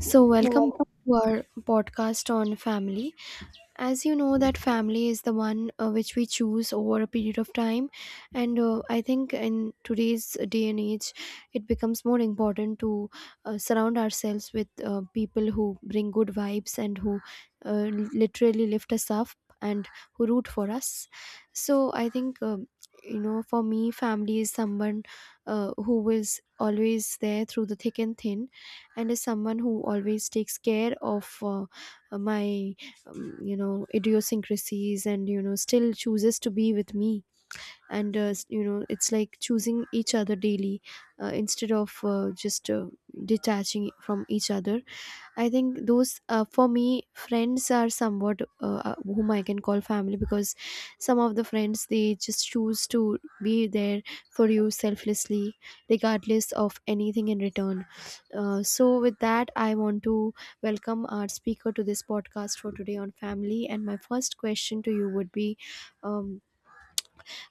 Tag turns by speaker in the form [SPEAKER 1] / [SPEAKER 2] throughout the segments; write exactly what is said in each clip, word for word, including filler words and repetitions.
[SPEAKER 1] So,
[SPEAKER 2] You're
[SPEAKER 1] welcome
[SPEAKER 2] welcome.
[SPEAKER 1] to our podcast on family, as you know that family is the one uh, which we choose over a period of time, and uh, I think in today's day and age it becomes more important to uh, surround ourselves with uh, people who bring good vibes and who uh, literally lift us up and who root for us. So I think um you know, for me family is someone uh, who is always there through the thick and thin, and is someone who always takes care of uh, my um, you know, idiosyncrasies, and you know, still chooses to be with me. And uh, s- you know, it's like choosing each other daily uh, instead of uh, just uh, detaching from each other. I think those uh, for me friends are somewhat uh, uh, whom I can call family, because some of the friends they just choose to be there for you selflessly, regardless of anything in return. Uh, so with that I want to welcome our speaker to this podcast for today on family, and my first question to you would be um,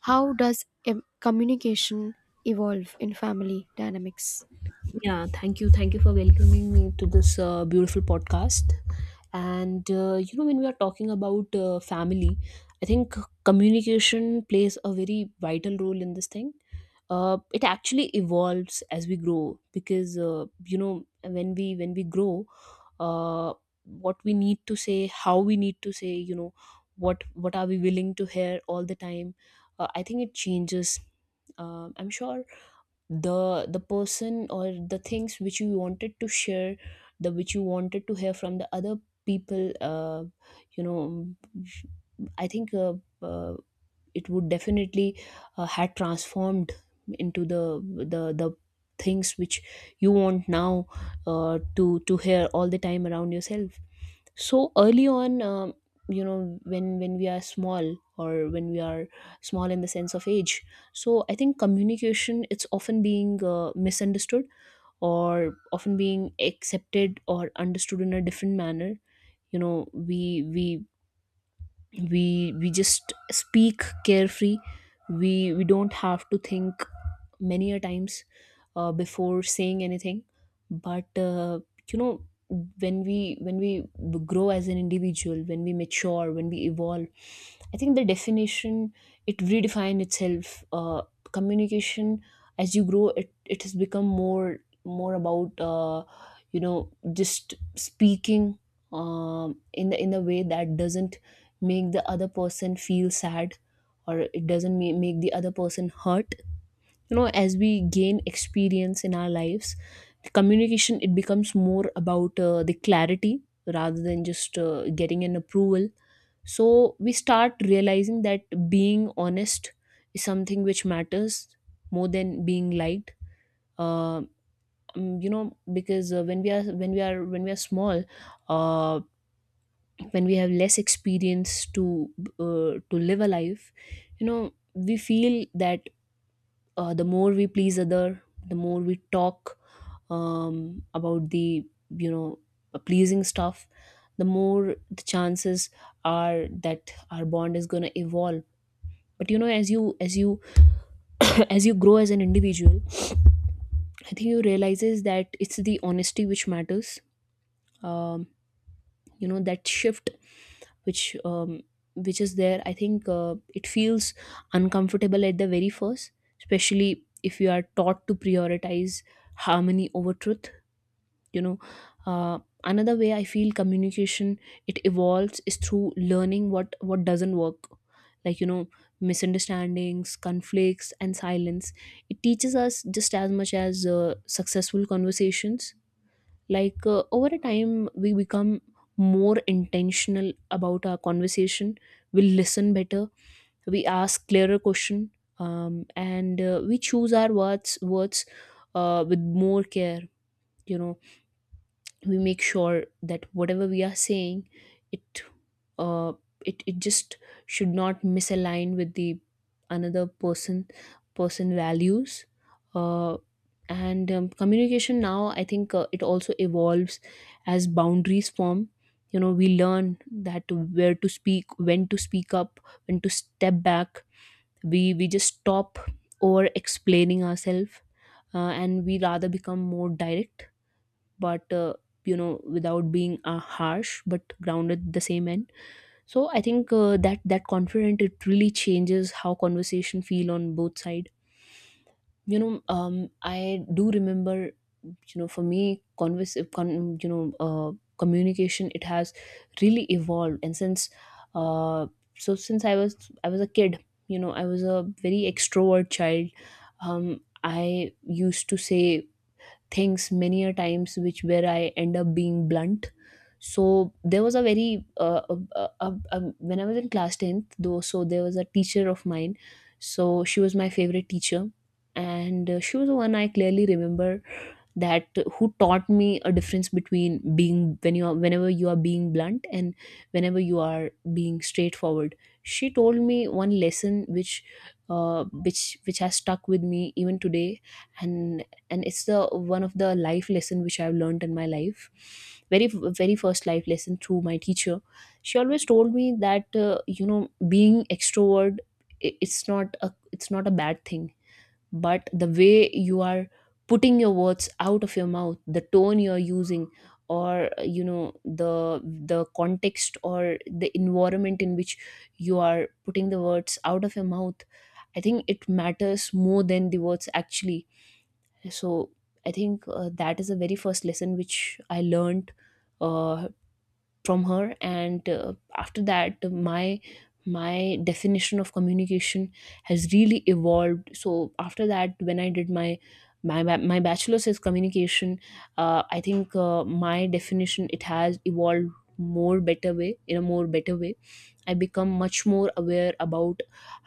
[SPEAKER 1] how does em- communication evolve in family dynamics?
[SPEAKER 2] Yeah, thank you. Thank you for welcoming me to this uh, beautiful podcast. And, uh, you know, when we are talking about uh, family, I think communication plays a very vital role in this thing. Uh, it actually evolves as we grow because, uh, you know, when we when we grow, uh, what we need to say, how we need to say, you know, what what are we willing to hear all the time. Uh, I think it changes. Um I'm sure the the person or the things which you wanted to share the which you wanted to hear from the other people uh, you know i think uh, uh, it would definitely uh, had transformed into the the the things which you want now uh, to to hear all the time around yourself. So early on, um, you know when when we are small, or when we are small in the sense of age. So I think communication, it's often being uh, misunderstood, or often being accepted or understood in a different manner. You know we we we we just speak carefree. We we don't have to think many a times uh, before saying anything. But uh, you know when we when we grow as an individual, when we mature, when we evolve, I think the definition, it redefine itself. Uh, communication, as you grow, it it has become more, more about uh, you know just speaking um, in the in a way that doesn't make the other person feel sad, or it doesn't ma- make the other person hurt. You know, as we gain experience in our lives, communication, it becomes more about uh, the clarity rather than just uh, getting an approval. So we start realizing that being honest is something which matters more than being liked. uh, um, you know, because uh, when we are when we are when we are small, uh, when we have less experience to uh, to live a life, you know, we feel that uh, the more we please other, the more we talk um, about the, you know, pleasing stuff, the more the chances are that our bond is going to evolve. But you know, as you as you as you grow as an individual, I think you realizes that it's the honesty which matters. um, you know, that shift which um, which is there, I think uh, it feels uncomfortable at the very first, especially if you are taught to prioritize harmony over truth, you know. uh, Another way I feel communication, it evolves is through learning what what doesn't work. Like, you know, misunderstandings, conflicts and silence, it teaches us just as much as uh, successful conversations. Like, uh, over a time, we become more intentional about our conversation. We listen better, we ask clearer question, um, and uh, we choose our words words uh, with more care. You know, we make sure that whatever we are saying, it uh it, it just should not misalign with the another person person values. uh and um, communication now, I think uh, it also evolves as boundaries form. You know, we learn that where to speak, when to speak up, when to step back. We we just stop over explaining ourselves, uh, and we rather become more direct. But uh, you know, without being uh, harsh, but grounded at the same end. So I think uh, that that confident, it really changes how conversation feel on both side. You know um I do remember, you know, for me converse con, you know uh, communication, it has really evolved. And since uh, so since i was I was a kid. You know, I was a very extrovert child. um, I used to say things many a times which, where I end up being blunt. So there was a very uh, uh, uh, uh, um, when I was in class tenth though. So there was a teacher of mine. So she was my favorite teacher. And uh, she was the one, I clearly remember, that, who taught me a difference between being, when you are, whenever you are being blunt, and whenever you are being straightforward. She told me one lesson which uh, which which has stuck with me even today. and and it's the one of the life lesson which I've learned in my life. Very, very first life lesson through my teacher. She always told me that uh, you know, being extrovert, i- it's not a it's not a bad thing. But the way you are putting your words out of your mouth, the tone you're using, or you know, the the context or the environment in which you are putting the words out of your mouth, I think it matters more than the words actually. So I think uh, that is the very first lesson which I learned uh, from her. And uh, after that, my my definition of communication has really evolved. So after that, when I did my my, ba- my bachelor's is communication, uh, I think uh, my definition, it has evolved more better way in a more better way. I become much more aware about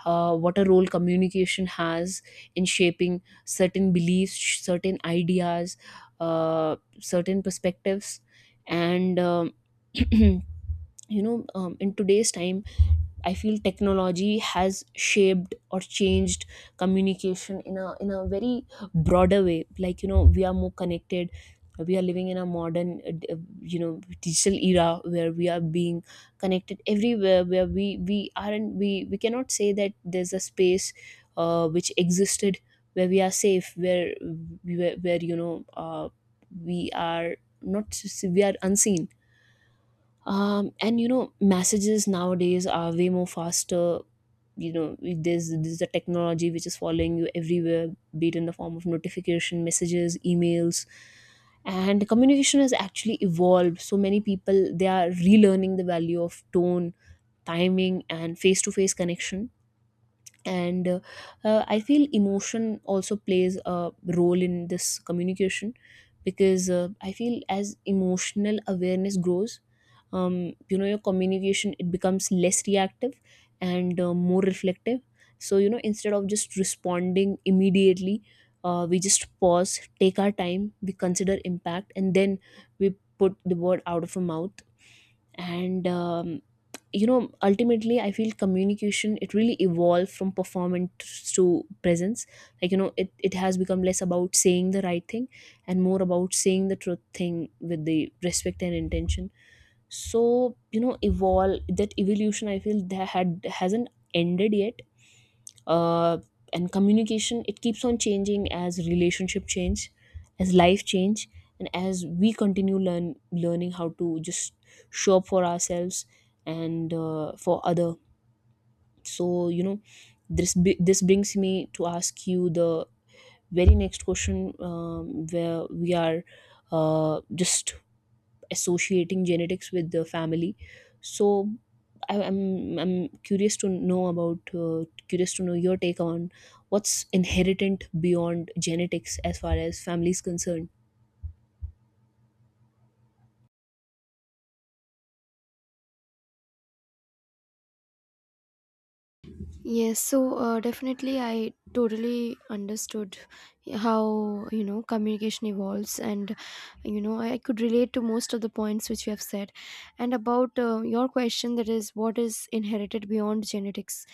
[SPEAKER 2] uh, what a role communication has in shaping certain beliefs, sh- certain ideas, uh, certain perspectives, and um, you know, um, in today's time, I feel technology has shaped or changed communication in a in a very broader way. Like, you know, we are more connected. We are living in a modern uh, uh, you know, digital era where we are being connected everywhere, where we we aren't we we cannot say that there's a space uh, which existed where we are safe, where where, where you know, uh, we are not, we are unseen. Um, and you know, messages nowadays are way more faster. You know, there's there's a technology which is following you everywhere, be it in the form of notification, messages, emails. And communication has actually evolved, so many people, they are relearning the value of tone, timing and face to face connection. And uh, uh, I feel emotion also plays a role in this communication, because uh, I feel as emotional awareness grows, um, you know, your communication, it becomes less reactive and uh, more reflective. So you know, instead of just responding immediately, uh, we just pause, take our time, we consider impact, and then we put the word out of our mouth. And um, you know, ultimately I feel communication, it really evolved from performance to presence. Like, you know, it, it has become less about saying the right thing, and more about saying the truth thing with the respect and intention. So you know, evolve, that evolution, I feel that had hasn't ended yet. uh, and communication, it keeps on changing as relationship change, as life change, and as we continue learn learning how to just show up for ourselves and uh, for other. So you know, this bi- this brings me to ask you the very next question. Um, where we are uh, just associating genetics with the family. So I, i'm i'm curious to know about, uh, curious to know your take on what's inheritant beyond genetics as far as family is concerned.
[SPEAKER 1] Yes, so uh, definitely I totally understood how, you know, communication evolves, and, you know, I could relate to most of the points which you have said. And about uh, your question, that is what is inherited beyond genetics.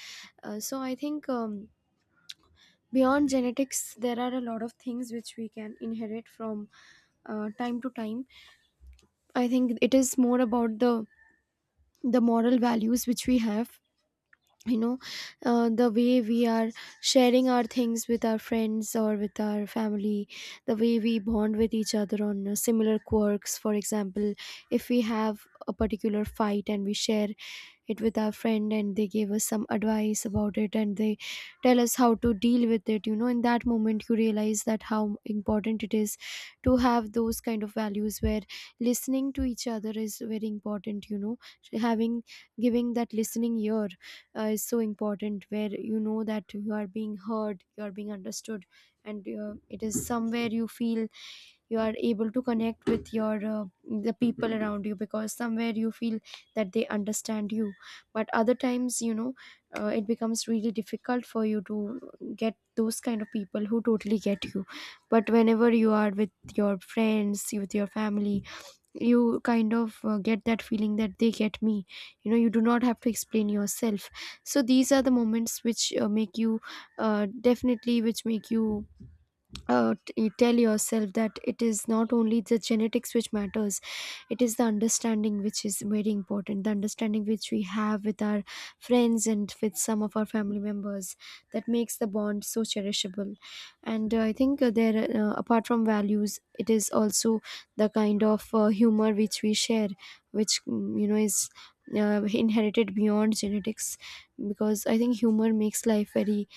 [SPEAKER 1] Uh, so I think um, beyond genetics there are a lot of things which we can inherit from uh, time to time. I think it is more about the the moral values which we have, you know, uh, the way we are sharing our things with our friends or with our family, the way we bond with each other on uh, similar quirks. For example, if we have a particular fight and we share it with our friend and they give us some advice about it, and they tell us how to deal with it, you know, in that moment you realize that how important it is to have those kind of values where listening to each other is very important. You know, having, giving that listening ear uh, is so important, where you know that you are being heard, you are being understood, and uh, it is somewhere you feel you are able to connect with your uh, the people around you, because somewhere you feel that they understand you. But other times, you know, uh, it becomes really difficult for you to get those kind of people who totally get you. But whenever you are with your friends, with your family, you kind of uh, get that feeling that they get me. You know, you do not have to explain yourself. So these are the moments which uh, make you uh, definitely which make you uh, t- you tell yourself that it is not only the genetics which matters, it is the understanding which is very important, the understanding which we have with our friends and with some of our family members, that makes the bond so cherishable. And uh, i think uh, there, uh, apart from values, it is also the kind of uh, humor which we share, which, mm, you know, is uh, inherited beyond genetics, because I think humor makes life very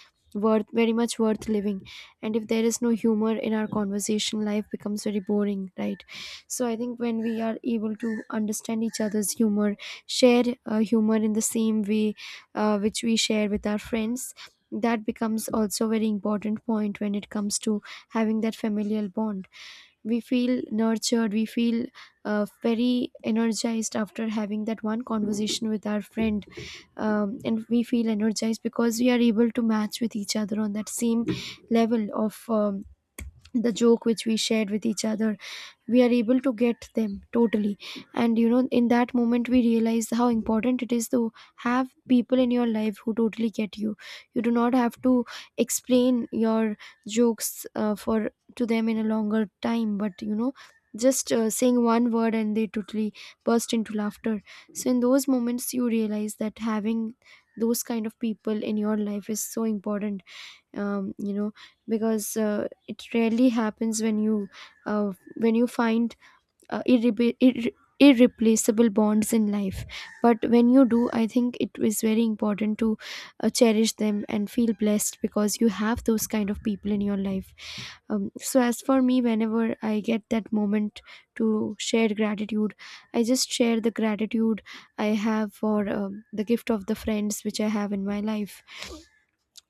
[SPEAKER 1] worth, very much worth living. And if there is no humor in our conversation, life becomes very boring, right? So I think when we are able to understand each other's humor, share uh, humor in the same way uh, which we share with our friends, that becomes also a very important point when it comes to having that familial bond. We feel nurtured, we feel uh, very energized after having that one conversation with our friend. Um, and we feel energized because we are able to match with each other on that same level of um, the joke which we shared with each other. We are able to get them totally, and you know, in that moment we realize how important it is to have people in your life who totally get you. You do not have to explain your jokes uh, for to them in a longer time, but you know, just uh, saying one word and they totally burst into laughter. So in those moments you realize that having those kind of people in your life is so important. Um, you know, because uh, it rarely happens when you uh, when you find uh, irre- irre- irreplaceable bonds in life, but when you do, I think it is very important to uh, cherish them and feel blessed because you have those kind of people in your life. Um, so as for me, whenever I get that moment to share gratitude, I just share the gratitude I have for um, the gift of the friends which I have in my life.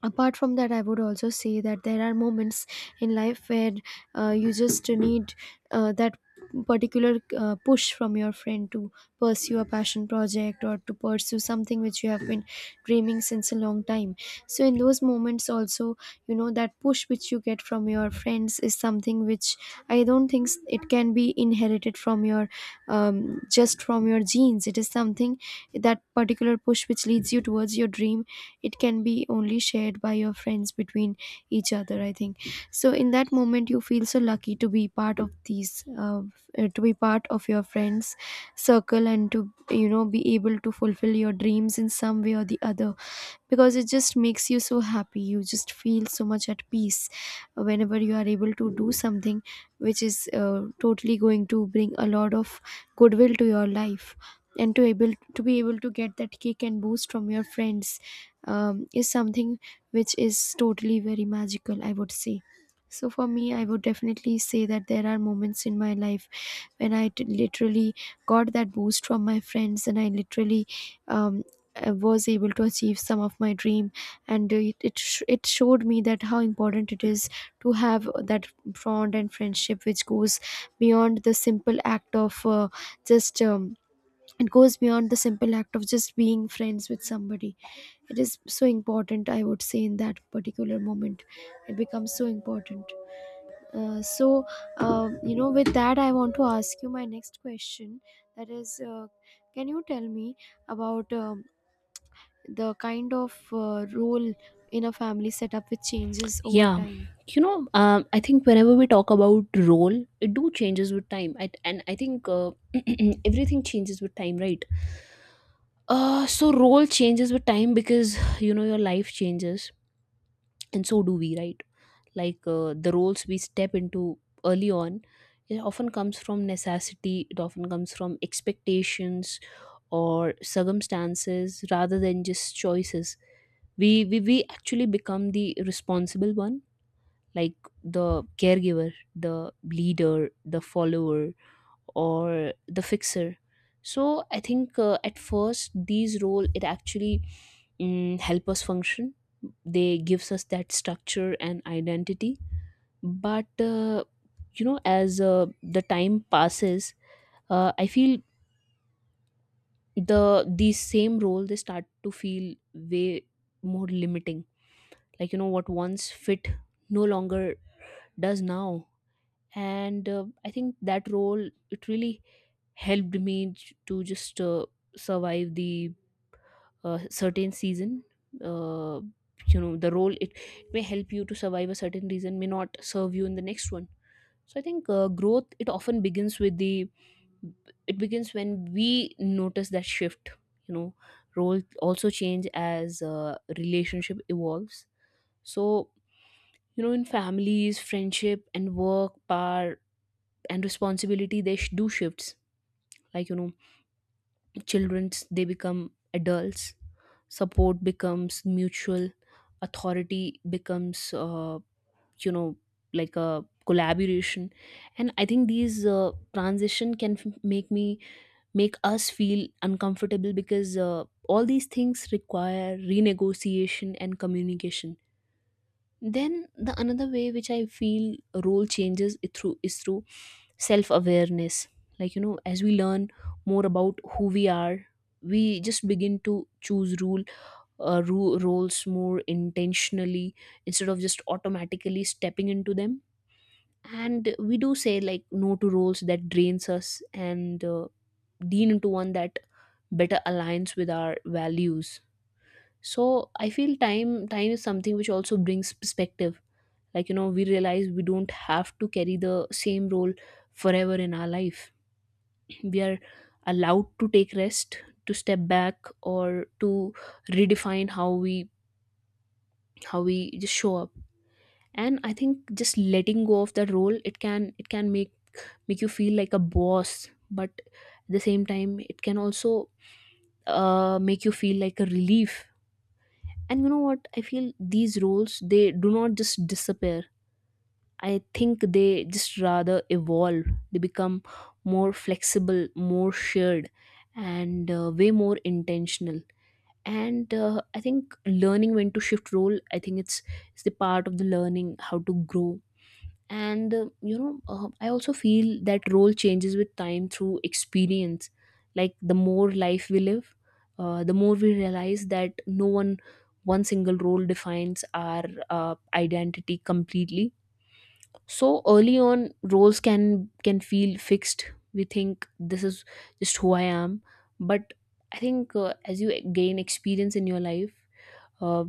[SPEAKER 1] Apart from that, I would also say that there are moments in life where uh, you just need uh, that particular uh, push from your friend to pursue a passion project or to pursue something which you have been dreaming since a long time. So in those moments also, you know, that push which you get from your friends is something which i don't think s- it can be inherited from your um, just from your genes. It is something, that particular push which leads you towards your dream, it can be only shared by your friends between each other, I think. So in that moment you feel so lucky to be part of these uh, uh, to be part of your friends circle and to, you know, be able to fulfill your dreams in some way or the other, because it just makes you so happy, you just feel so much at peace whenever you are able to do something which is uh, totally going to bring a lot of goodwill to your life. And to able to be able to get that kick and boost from your friends um, is something which is totally very magical, I would say. So for me, I would definitely say that there are moments in my life when I t- literally got that boost from my friends, and I literally, um, I was able to achieve some of my dream. And uh, it it, sh- it showed me that how important it is to have that bond and friendship which goes beyond the simple act of uh, just um, it goes beyond the simple act of just being friends with somebody. It is so important, I would say, in that particular moment it becomes so important. uh, so uh, you know, with that I want to ask you my next question, that is, uh, can you tell me about um, the kind of uh, role in a family setup which changes over
[SPEAKER 2] Yeah,
[SPEAKER 1] time.
[SPEAKER 2] you know, um, I think whenever we talk about role, it do changes with time. I, and I think uh, everything changes with time, right? Uh so role changes with time because you know, your life changes, and so do we, right? Like uh, the roles we step into early on, it often comes from necessity, it often comes from expectations, or circumstances rather than just choices. We we, we actually become the responsible one, like the caregiver, the leader, the follower, or the fixer. So I think uh, at first these role, it actually mm, help us function. They gives us that structure and identity. But uh, you know, as uh, the time passes, uh, I feel the these same role, they start to feel way more limiting. Like you know, what once fit no longer does now. And uh, I think that role, it really helped me j- to just uh, survive the uh, certain season. uh, you know, the role, it, it may help you to survive a certain reason, may not serve you in the next one. So I think uh, growth, it often begins with the, it begins when we notice that shift. You know, role also change as uh, relationship evolves. So you know, in families, friendship and work, power and responsibility, they sh- do shifts. Like you know, childrens, they become adults. Support becomes mutual, authority becomes uh, you know, like a collaboration. And I think these uh, transition can f- make me make us feel uncomfortable, because uh, all these things require renegotiation and communication. Then the another way which I feel role changes it through is through self awareness. Like you know, as we learn more about who we Are We just begin to choose rule, uh, ru- roles more intentionally instead of just automatically stepping into them. And we do say like no to roles that drains us, and uh, lean into one that better aligns with our values. So I feel time time is something which also brings perspective. Like you know, we realize we don't have to carry the same role forever in our life. We are allowed to take rest, to step back, or to redefine how we, how we just show up. And I think just letting go of that role, it can it can make make you feel like a boss, but at the same time, it can also uh, make you feel like a relief. And you know what, I feel these roles, they do not just disappear. I think they just rather evolve. They become more flexible, more shared, and uh, way more intentional. And uh, I think learning when to shift role, I think it's it's the part of the learning how to grow. And uh, you know, uh, I also feel that role changes with time through experience. Like the more life we live, uh, the more we realize that no one one single role defines our uh, identity completely. So early on, roles can can feel fixed. We think, this is just who I am. But I think uh, as you gain experience in your life, uh,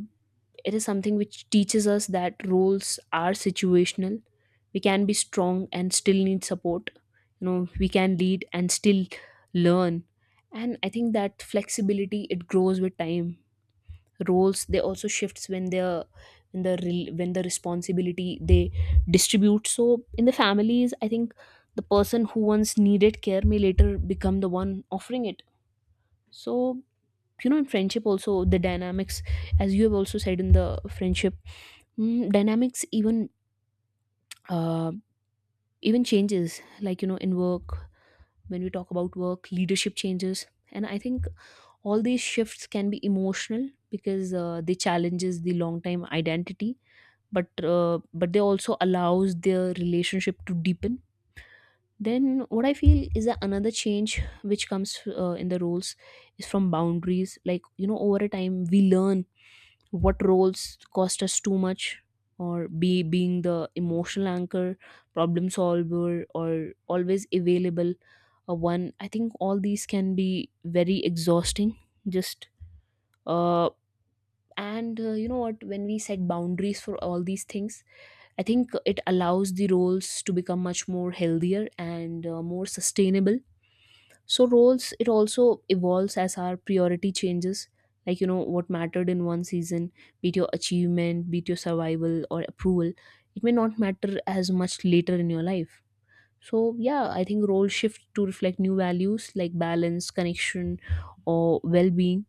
[SPEAKER 2] it is something which teaches us that roles are situational. We can be strong and still need support. You know, we can lead and still learn. And I think that flexibility, it grows with time. Roles, they also shifts when the, when the rel- when the responsibility, they distribute. So in the families, I think the person who once needed care may later become the one offering it. So you know, in friendship also, the dynamics, as you have also said, in the friendship, mm, dynamics even, uh, even changes. Like you know, in work, when we talk about work, leadership changes. And I think all these shifts can be emotional because uh, they challenges the long time identity, but uh, but they also allows their relationship to deepen. Then what I feel is that another change which comes uh, in the roles is from boundaries. Like you know, over a time, we learn what roles cost us too much, or be being the emotional anchor, problem solver, or always available uh, one. I think all these can be very exhausting. Just uh, and uh, you know what, when we set boundaries for all these things, I think it allows the roles to become much more healthier and uh, more sustainable. So roles, it also evolves as our priority changes. Like you know, what mattered in one season, be it your achievement, be it your survival or approval, it may not matter as much later in your life. So yeah, I think role shift to reflect new values like balance, connection, or well-being.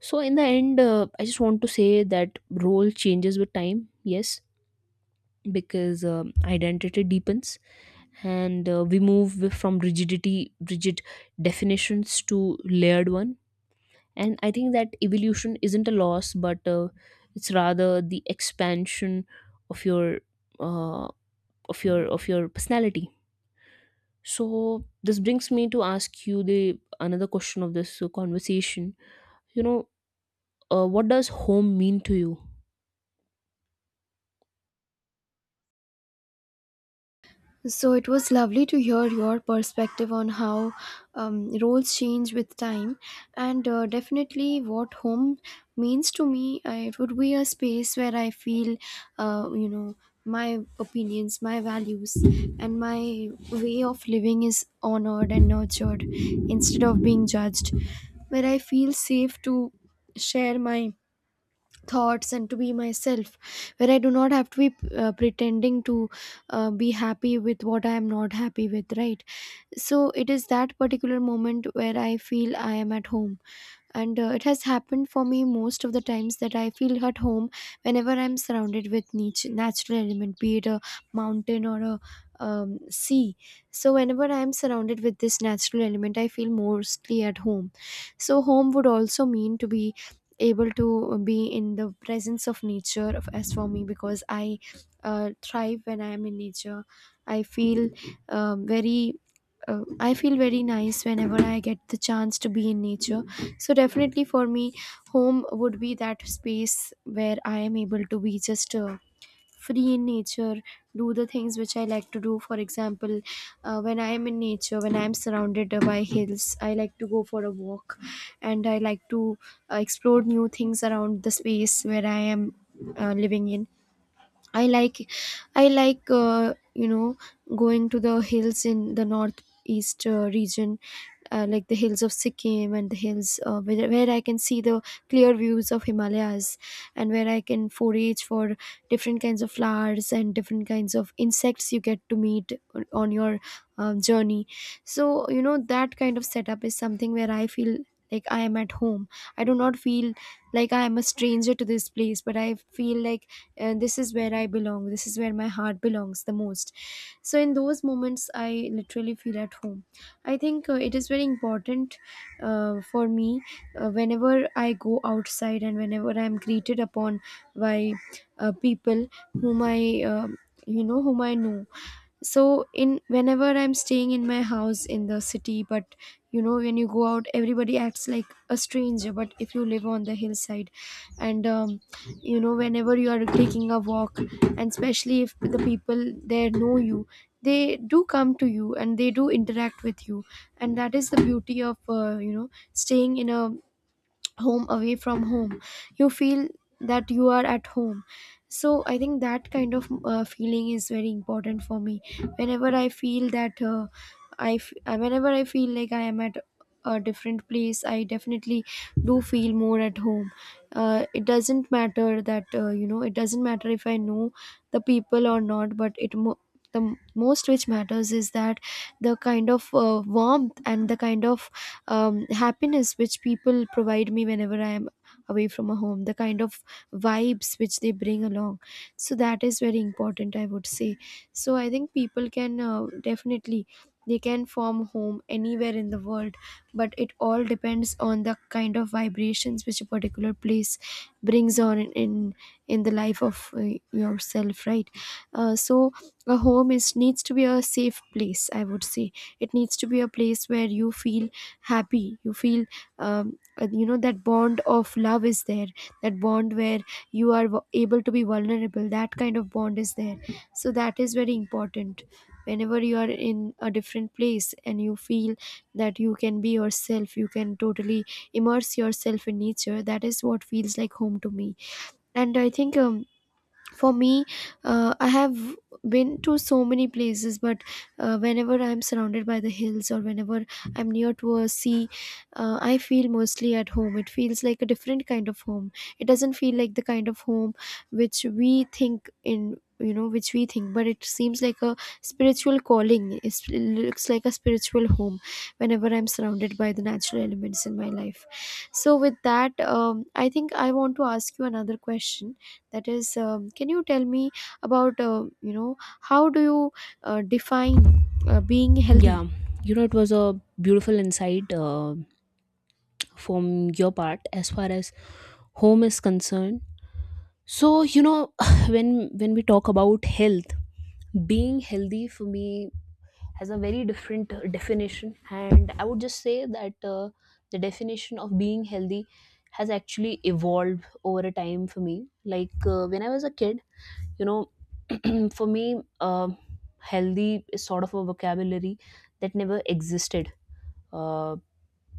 [SPEAKER 2] So in the end, uh, I just want to say that role changes with time. Yes, because um, identity deepens and uh, we move from rigidity rigid definitions to layered one. And I think that evolution isn't a loss, but uh, it's rather the expansion of your uh, of your of your personality. So this brings me to ask you the another question of this uh, conversation. You know, uh, what does home mean to you?
[SPEAKER 1] So it was lovely to hear your perspective on how um, roles change with time, and uh, definitely what home means to me. Uh, it would be a space where I feel, uh, you know, my opinions, my values, and my way of living is honored and nurtured instead of being judged. Where I feel safe to share my thoughts and to be myself, where I do not have to be uh, pretending to uh, be happy with what I am not happy with, right? So it is that particular moment where I feel I am at home. And uh, it has happened for me most of the times that I feel at home whenever I'm surrounded with nat- natural element, be it a mountain or a um, sea. So whenever I'm surrounded with this natural element I feel mostly at home. So home would also mean to be able to be in the presence of nature of- as for me, because I uh, thrive when I am in nature. I feel uh, very uh, I feel very nice whenever I get the chance to be in nature. So definitely for me, home would be that space where I am able to be just uh, free in nature, do the things which I like to do. For example, uh, when I am in nature, when I am surrounded by hills, I like to go for a walk, and I like to uh, explore new things around the space where I am uh, living in. I like I like uh, you know, going to the hills in the northeast uh, region, uh, like the hills of Sikkim, and the hills uh, where, where I can see the clear views of Himalayas, and where I can forage for different kinds of flowers and different kinds of insects you get to meet on on your um, journey. So you know, that kind of setup is something where I feel like I am at home. I do not feel like I am a stranger to this place, but I feel like uh, this is where I belong, this is where my heart belongs the most. So in those moments I literally feel at home. I think uh, it is very important uh, for me, uh, whenever I go outside and whenever I'm greeted upon by uh, people whom I, um you know, whom I know. So in, whenever I'm staying in my house in the city, but you know, when you go out everybody acts like a stranger, but if you live on the hillside and, um, you know, whenever you are taking a walk, and especially if the people there know you, they do come to you and they do interact with you. And that is the beauty of, uh, you know, staying in a home away from home. You feel that you are at home. So I think that kind of uh, feeling is very important for me. Whenever I feel that uh, i f- uh, whenever I feel like I am at a different place, I definitely do feel more at home. Uh, it doesn't matter that, uh, you know, it doesn't matter if I know the people or not, but it mo- the m- most which matters is that the kind of uh, warmth and the kind of um, happiness which people provide me whenever I am away from a home, the kind of vibes which they bring along. So that is very important, I would say. So I think people can, uh, definitely, they can form home anywhere in the world, but it all depends on the kind of vibrations which a particular place brings on in in, in the life of uh, yourself, right? Uh, so a home is needs to be a safe place, I would say. It needs to be a place where you feel happy, you feel, um, uh, you know, that bond of love is there, that bond where you are w- able to be vulnerable, that kind of bond is there. So that is very important. Whenever you are in a different place and you feel that you can be yourself, you can totally immerse yourself in nature, that is what feels like home to me. And I think um, for me, uh, I have been to so many places, but uh, whenever I'm surrounded by the hills or whenever I'm near to a sea, uh, I feel mostly at home. It feels like a different kind of home. It doesn't feel like the kind of home which we think in you know, which we think, but it seems like a spiritual calling. It's- it looks like a spiritual home whenever I'm surrounded by the natural elements in my life. So with that, um, I think I want to ask you another question, that is, um, can you tell me about, uh, you know, how do you uh, define uh, being healthy?
[SPEAKER 2] Yeah, you know, it was a beautiful insight uh, from your part as far as home is concerned. So you know, when when we talk about health, being healthy for me has a very different uh, definition. And I would just say that uh, the definition of being healthy has actually evolved over a time for me. Like uh, when I was a kid, you know, for me, uh, healthy is sort of a vocabulary that never existed. uh,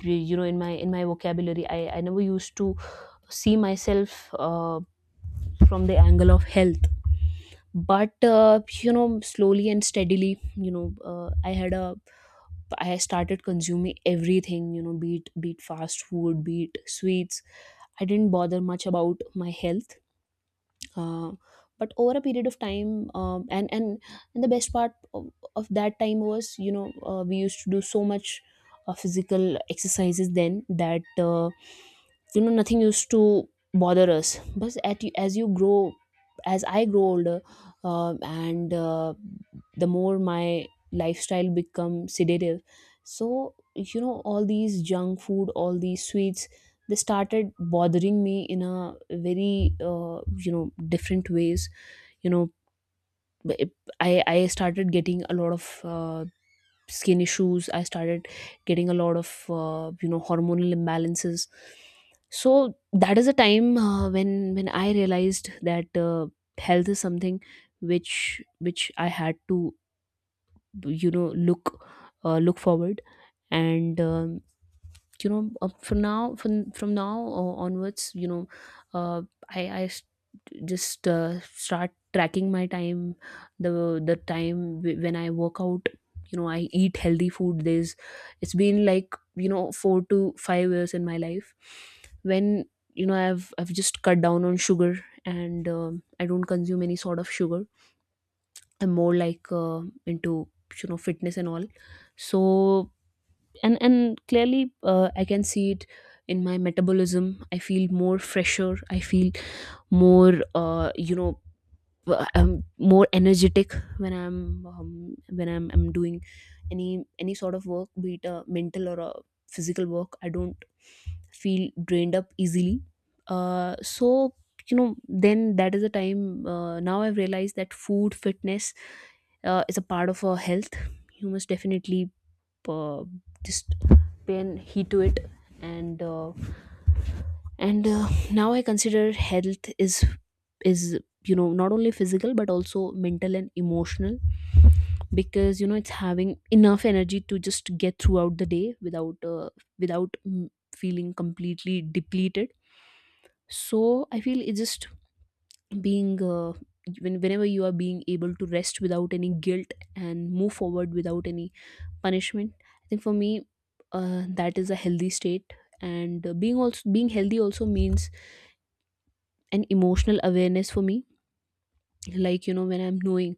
[SPEAKER 2] you know, in my, in my vocabulary, i i never used to see myself uh, from the angle of health. But uh, you know, slowly and steadily, you know, uh, I had a I started consuming everything, you know, be it be it fast food, be it sweets. I didn't bother much about my health. uh, but over a period of time, um, and, and and the best part of, of that time was, you know, uh, we used to do so much uh, physical exercises then, that uh, you know, nothing used to bother us. But at, you- as you grow, as I grow older, um and uh, the more my lifestyle become sedative. So you know, all these junk food, all these sweets, they started bothering me in a very uh, you know, different ways. You know, it- i i started getting a lot of uh, skin issues. I started getting a lot of uh, you know, hormonal imbalances. So that is a time uh, when when i realized that uh, health is something which which I had to, you know, look uh, look forward. And um, you know, uh, from now, from from now uh, onwards, you know, uh, I I s- just uh, start tracking my time, the the time wh- when I work out, you know, I eat healthy food. There's It's been like, you know, four to five years in my life when, you know, i've i've just cut down on sugar. And um, I don't consume any sort of sugar. I'm more like uh, into, you know, fitness and all. So, and and clearly, uh, I can see it in my metabolism. I feel more fresher. I feel more uh, you know, uh, I'm more energetic when I'm, um, when I'm, I'm doing any any sort of work, be it a mental or a physical work. I don't feel drained up easily. Uh, so you know, then that is the time. Uh, now I've realized that food fitness uh, is a part of our health. You must definitely uh, just pen heat to it. And uh, and uh, now I consider health is is you know, not only physical but also mental and emotional. Because you know, it's having enough energy to just get throughout the day without uh, without mm, feeling completely depleted. So I feel it's just being uh, when, whenever you are being able to rest without any guilt and move forward without any punishment, I think for me, uh, that is a healthy state. And uh, being also being healthy also means an emotional awareness for me. Like you know, when I'm knowing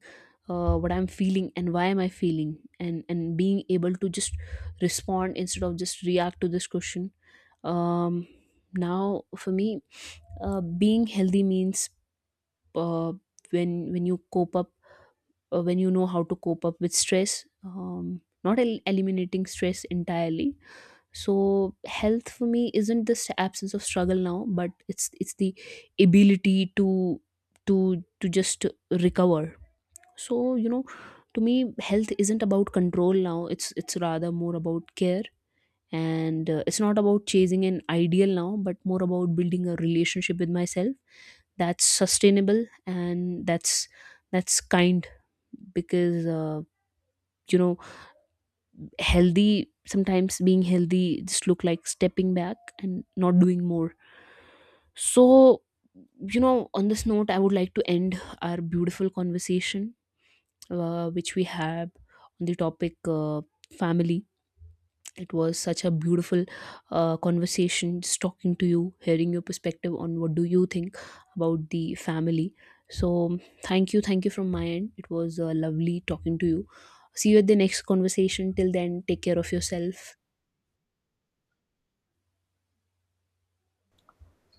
[SPEAKER 2] uh, what I'm feeling and why am I feeling, and and being able to just respond instead of just react to this question. Um now For me, uh, being healthy means uh, when when you cope up, uh, when you know how to cope up with stress, um, not el- eliminating stress entirely. So health for me isn't this absence of struggle now, but it's it's the ability to, to to just recover. So you know, to me, health isn't about control now. It's it's rather more about care. And uh, it's not about chasing an ideal now, but more about building a relationship with myself that's sustainable and that's that's kind. Because uh, you know, healthy sometimes being healthy just look like stepping back and not doing more. So you know, on this note, I would like to end our beautiful conversation uh, which we have on the topic uh, family. It was such a beautiful uh, conversation just talking to you, hearing your perspective on what do you think about the family. So thank you, thank you from my end. It was uh, lovely talking to you. See you at the next conversation. Till then, take care of yourself.